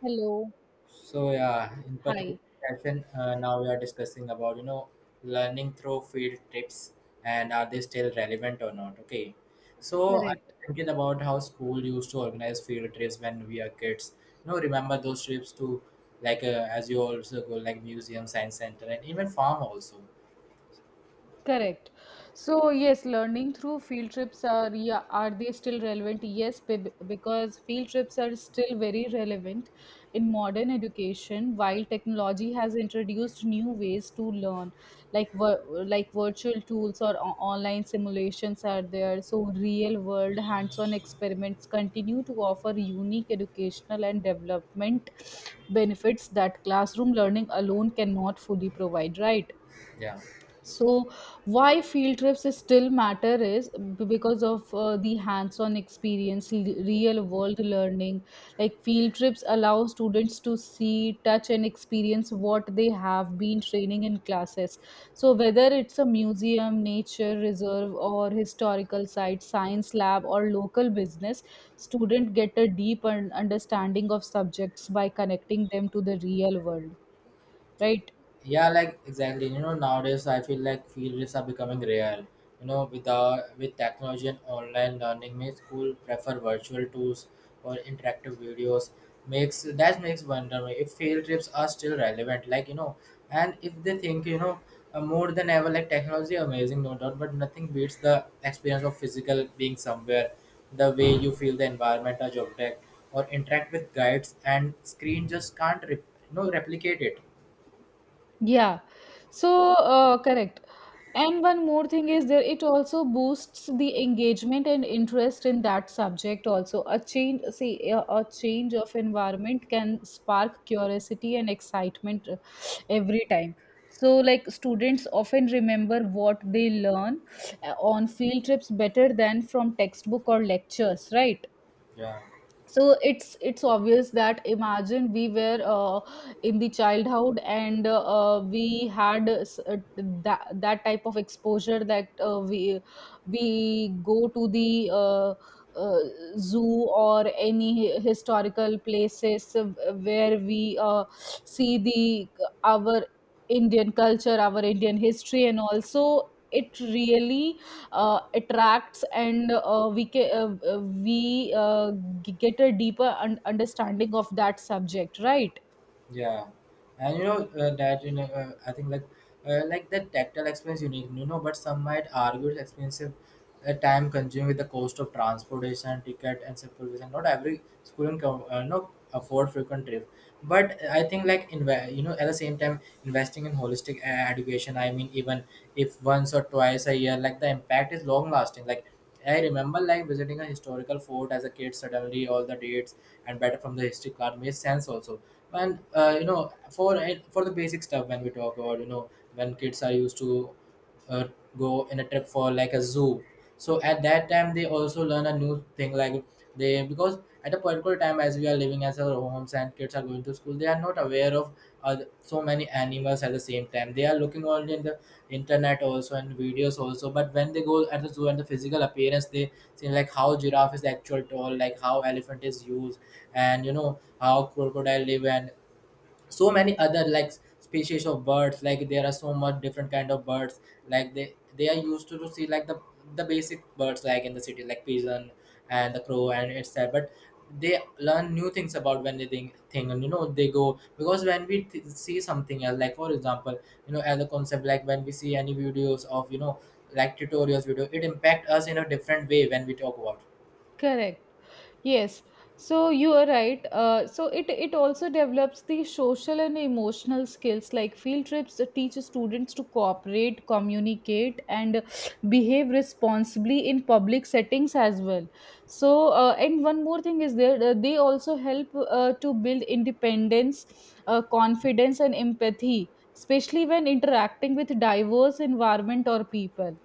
Hello. So yeah, in particular Hi. session, now we are discussing about learning through field trips and are they still relevant or not? Okay, so Correct. I'm thinking about how school used to organize field trips when we are kids. You know, remember those trips to like as you also go like museum, science center, and even farm also. Correct. So yes, learning through field trips are, yeah, are they still relevant? Yes, because field trips are still very relevant in modern education. While technology has introduced new ways to learn, like virtual tools or online simulations are there. So real world hands-on experiments continue to offer unique educational and development benefits that classroom learning alone cannot fully provide. Right. Yeah. So why field trips is still matter is because of the hands-on experience, real-world learning. Like field trips allow students to see, touch, and experience what they have been training in classes. So whether it's a museum, nature reserve, or historical site, science lab, or local business, students get a deep understanding of subjects by connecting them to the real world. Right? Yeah, like exactly. You know, nowadays I feel like field trips are becoming rare. You know, with the with technology and online learning, many school prefer virtual tools or interactive videos. Makes that makes wonder if field trips are still relevant. Like you know, and if they think you know more than ever, like technology amazing, no doubt, but nothing beats the experience of physical being somewhere. The way you feel the environment, a object, or interact with guides and screen just can't replicate it. Yeah. So, correct. And one more thing is there, it also boosts the engagement and interest in that subject also. A change, see, a change of environment can spark curiosity and excitement every time. So, like students often remember what they learn on field trips better than from textbook or lectures, right? Yeah. So it's obvious that imagine we were in the childhood and we had that type of exposure that we go to the uh, zoo or any historical places where we see the our Indian culture, our Indian history, and also it really attracts and we ca- we g- get a deeper understanding of that subject, right? Yeah, and you know that you know I think like that tactile experience unique, you know, but some might argue it's expensive, time consuming with the cost of transportation, ticket, and supervision. Not every school can afford frequent trip, but I think like at the same time investing in holistic education. I mean, even if once or twice a year, like the impact is long lasting. Like I remember like visiting a historical fort as a kid. Suddenly, all the dates and better from the history card makes sense also. And you know, for for the basic stuff when we talk about you know when kids are used to uh, go in a trip for like a zoo. So at that time, they also learn a new thing like they because At a particular time as we are living as our homes and kids are going to school, they are not aware of so many animals. At the same time, they are looking only in the internet also and videos also, but when they go at the zoo and the physical appearance, they see like how giraffe is actual tall, like how elephant is used, and you know how crocodile live, and so many other like species of birds. Like there are so much different kind of birds, like they are used to see like the basic birds like in the city like pigeon and the crow and etc, but they learn new things about when they think and you know they go, because when we see something else, like for example, you know, as a concept, like when we see any videos of you know like tutorials video, it impact us in a different way when we talk about it. Correct. Yes. So you are right. So it also develops the social and emotional skills. Like field trips teach students to cooperate, communicate, and behave responsibly in public settings as well. So and one more thing is there. They also help to build independence, confidence, and empathy, especially when interacting with diverse environment or people.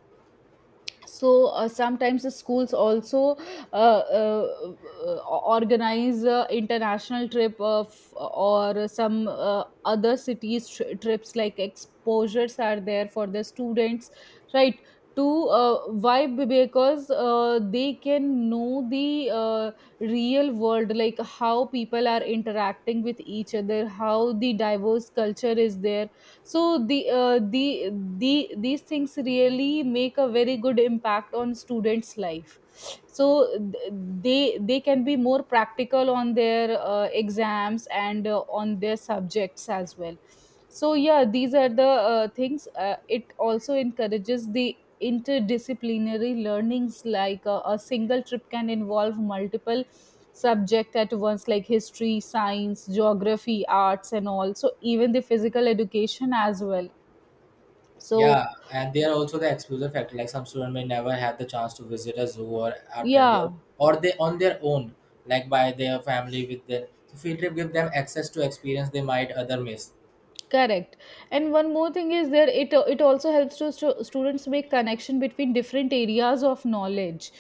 So sometimes the schools also uh, uh, uh, organize international trip of or some other cities trips like exposures are there for the students, right? To why, because they can know the real world, like how people are interacting with each other, how the diverse culture is there. So the these things really make a very good impact on students life. So th- they can be more practical on their exams and on their subjects as well. So yeah, these are the things. It also encourages the interdisciplinary learnings, like a single trip can involve multiple subject at once, like history, science, geography, arts and all, so even the physical education as well. So Yeah, and they are also the exclusive factor. Like some student may never have the chance to visit a zoo or art gallery, yeah. Or they on their own, like by their family with their, so field trip give them access to experience they might other miss. Correct. And one more thing is there, it also helps to students make connection between different areas of knowledge.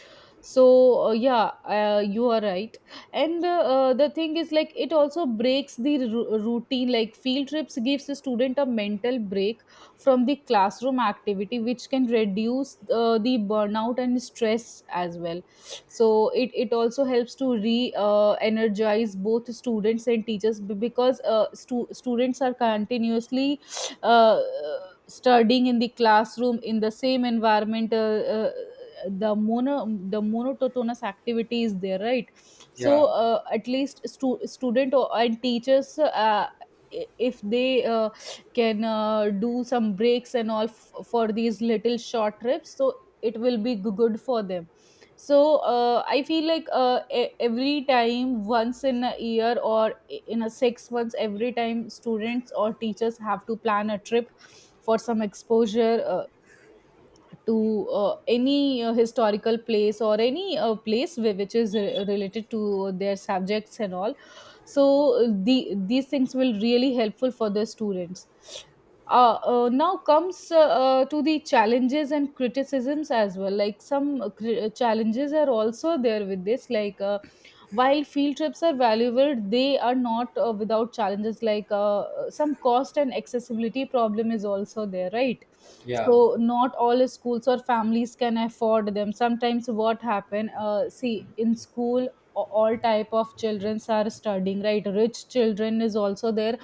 So yeah, you are right. And the thing is, like, it also breaks the routine. Like field trips gives the student a mental break from the classroom activity, which can reduce the burnout and stress as well. So it also helps to re energize both students and teachers, because students are continuously uh, studying in the classroom in the same environment. The monotonous activity is there, right? So Yeah, at least student or, and teachers, if they can do some breaks and all for these little short trips, so it will be good for them. So I feel like every time, once in a year or in a 6 months, every time students or teachers have to plan a trip for some exposure, to any historical place or any place which is related to their subjects and all. So the these things will really helpful for the students. Now comes to the challenges and criticisms as well. Like some challenges are also there with this, like while field trips are valuable, they are not without challenges. Like some cost and accessibility problem is also there, right? yeah, So not all schools or families can afford them. Sometimes what happen, see, in school all type of children are studying, right? Rich children is also there,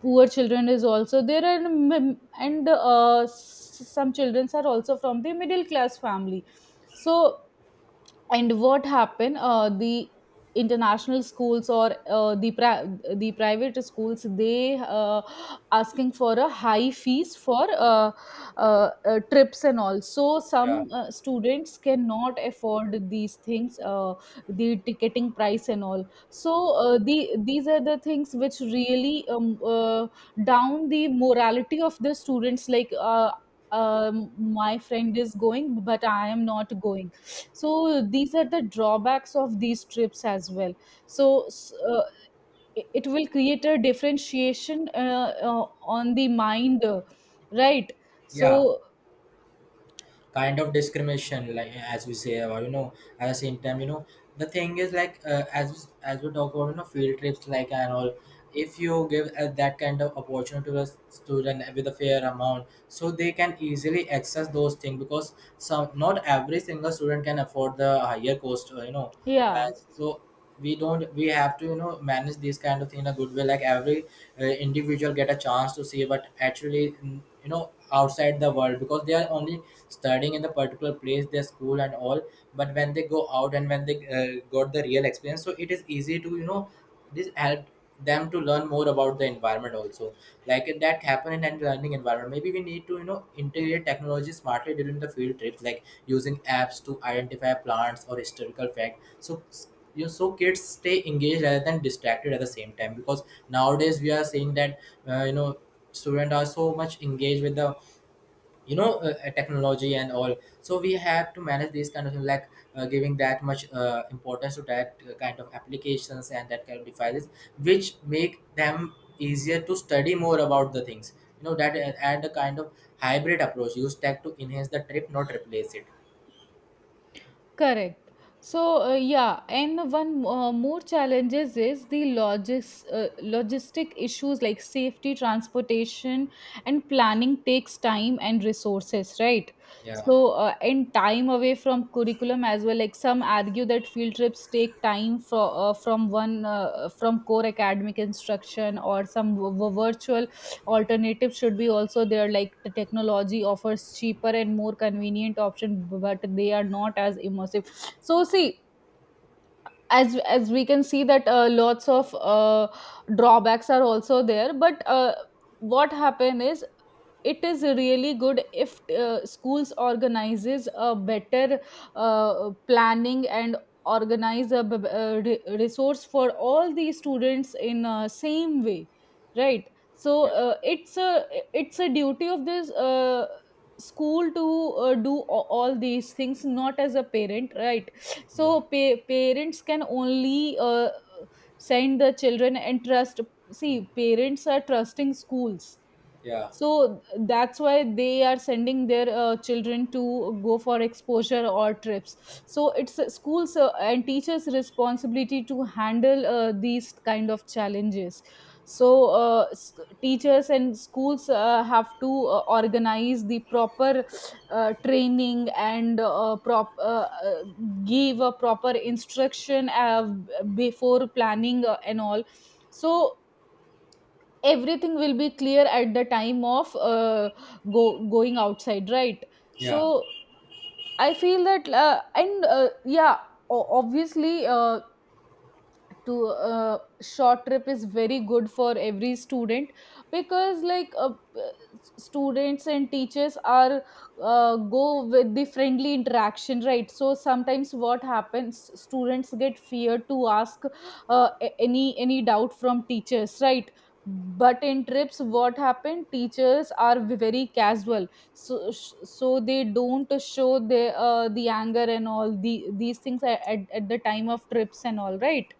poor children is also there, and some children are also from the middle class family. So and what happened, the international schools or the private schools, they asking for a high fees for trips and all. So yeah, some students cannot afford these things, the ticketing price and all. So the these are the things which really down the morality of the students, like my friend is going, but I am not going. So these are the drawbacks of these trips as well. So it will create a differentiation on the mind, right? yeah. So Kind of discrimination, like as we say, or you know, at the same time, you know, the thing is like as we talk about you know field trips like and all. If you give that kind of opportunity to a student with a fair amount, so they can easily access those things, because some, not every single student can afford the higher cost yeah. uh, so we don't we have to you know manage these kind of thing in a good way, like every individual get a chance to see what actually you know outside the world, because they are only studying in the particular place, their school and all. But when they go out and when they got the real experience, so it is easy to you know this help them to learn more about the environment also. Like if that happen in and learning environment, maybe we need to you know integrate technology smartly during the field trips, like using apps to identify plants or historical fact, so you, so kids stay engaged rather than distracted at the same time, because nowadays we are seeing that you know students are so much engaged with the you know technology and all. So we had to manage these kind of thing, like giving that much importance to that kind of applications and that kind of devices which make them easier to study more about the things you know that and a kind of hybrid approach, use tech to enhance the trip not replace it. Correct. So yeah, and one more challenges is the logistic issues like safety, transportation, and planning takes time and resources, right? Yeah, So and time away from curriculum as well. Like some argue that field trips take time for from core academic instruction, or some virtual alternatives should be also there. Like the technology offers cheaper and more convenient option, but they are not as immersive. So see, as we can see that lots of drawbacks are also there, but what happened is, it is really good if schools organizes a better planning and organize resource for all the students in same way, right? So yeah, it's a duty of this school to do all these things, not as a parent, right? yeah, So parents can only send the children and trust. See, parents are trusting schools. yeah, So that's why they are sending their children to go for exposure or trips. So it's schools and teachers' responsibility to handle these kind of challenges. So teachers and schools have to organize the proper training and prop give a proper instruction before planning and all. So everything will be clear at the time of go going outside, right? yeah, So I feel that and yeah, obviously to short trip is very good for every student, because like students and teachers are go with the friendly interaction, right? So sometimes what happens, students get fear to ask any doubt from teachers, right? But in trips what happened, teachers are very casual, so so they don't show the anger and all the these things at the time of trips and all, right?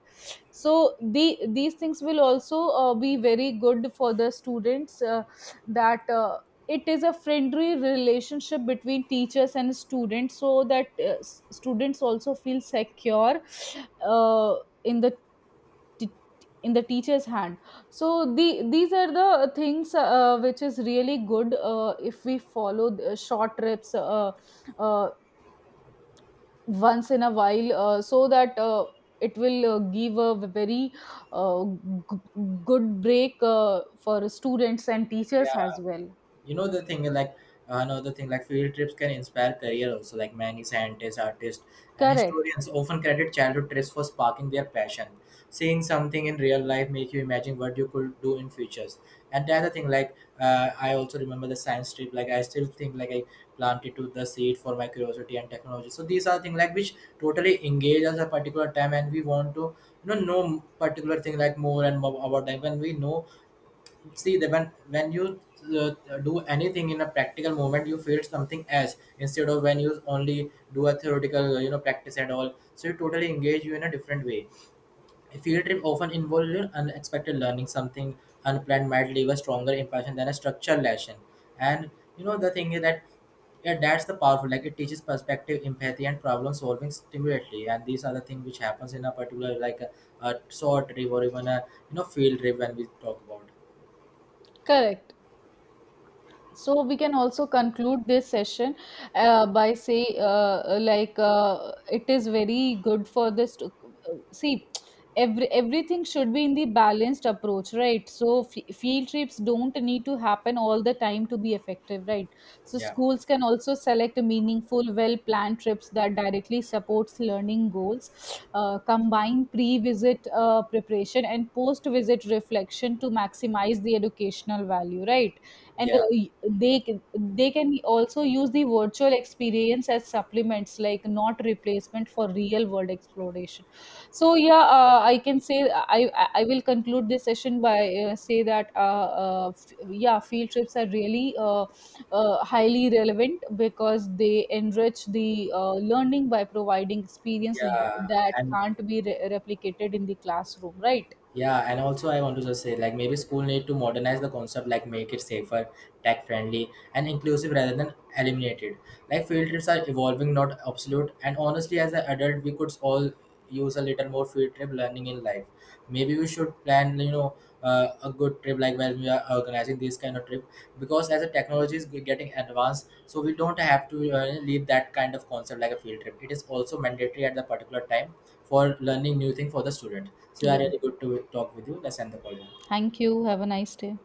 So the these things will also be very good for the students, that it is a friendly relationship between teachers and students, so that students also feel secure uh, in the t- in the teacher's hand. So the these are the things which is really good if we follow the short trips uh, once in a while, so that it will give a very uh, g- good break for students and teachers yeah. as well. You know the thing like, another thing like field trips can inspire career also, like many scientists, artists, and Correct. historians often credit childhood trips for sparking their passion. Seeing something in real life make you imagine what you could do in futures. And the other thing like, I also remember the science trip. Like I still think like I planted to the seed for my curiosity and technology. So these are things like which totally engage us a particular time, and we want to you know particular thing like more and more about them when we know, see that when you do anything in a practical moment, you feel something else instead of when you only do a theoretical you know practice and all, so you totally engage you in a different way. A field trip often involves you unexpected learning something unplanned might leave a stronger impression than a structured lesson. And you know the thing is that, yeah, that's the powerful. Like it teaches perspective, empathy, and problem solving stimulatively. And these are the things which happens in a particular like a short trip or even a you know field trip when we talk about. Correct. So we can also conclude this session by say like it is very good for this to, see, everything should be in the balanced approach, right? So field trips don't need to happen all the time to be effective, right? So Yeah. schools can also select meaningful well planned trips that directly supports learning goals. Combine pre visit preparation and post visit reflection to maximize the educational value, right? And Yeah, they can they can also use the virtual experience as supplements, like not replacement for real world exploration. So yeah, I can say, I will conclude this session by say that yeah, field trips are really highly relevant because they enrich the learning by providing experiences yeah, that and can't be replicated in the classroom, right? yeah, and also I want to just say like maybe school need to modernize the concept, like make it safer, tech friendly, and inclusive rather than eliminated. Like field trips are evolving, not absolute. And honestly, as an adult, we could all use a little more field trip learning in life. Maybe we should plan, you know, a good trip like when we are organizing this kind of trip. Because as the technology is getting advanced, so we don't have to leave that kind of concept like a field trip. It is also mandatory at the particular time for learning new thing for the student. So yeah, Yeah, really good to talk with you, let's end the call now. thank you, have a nice day.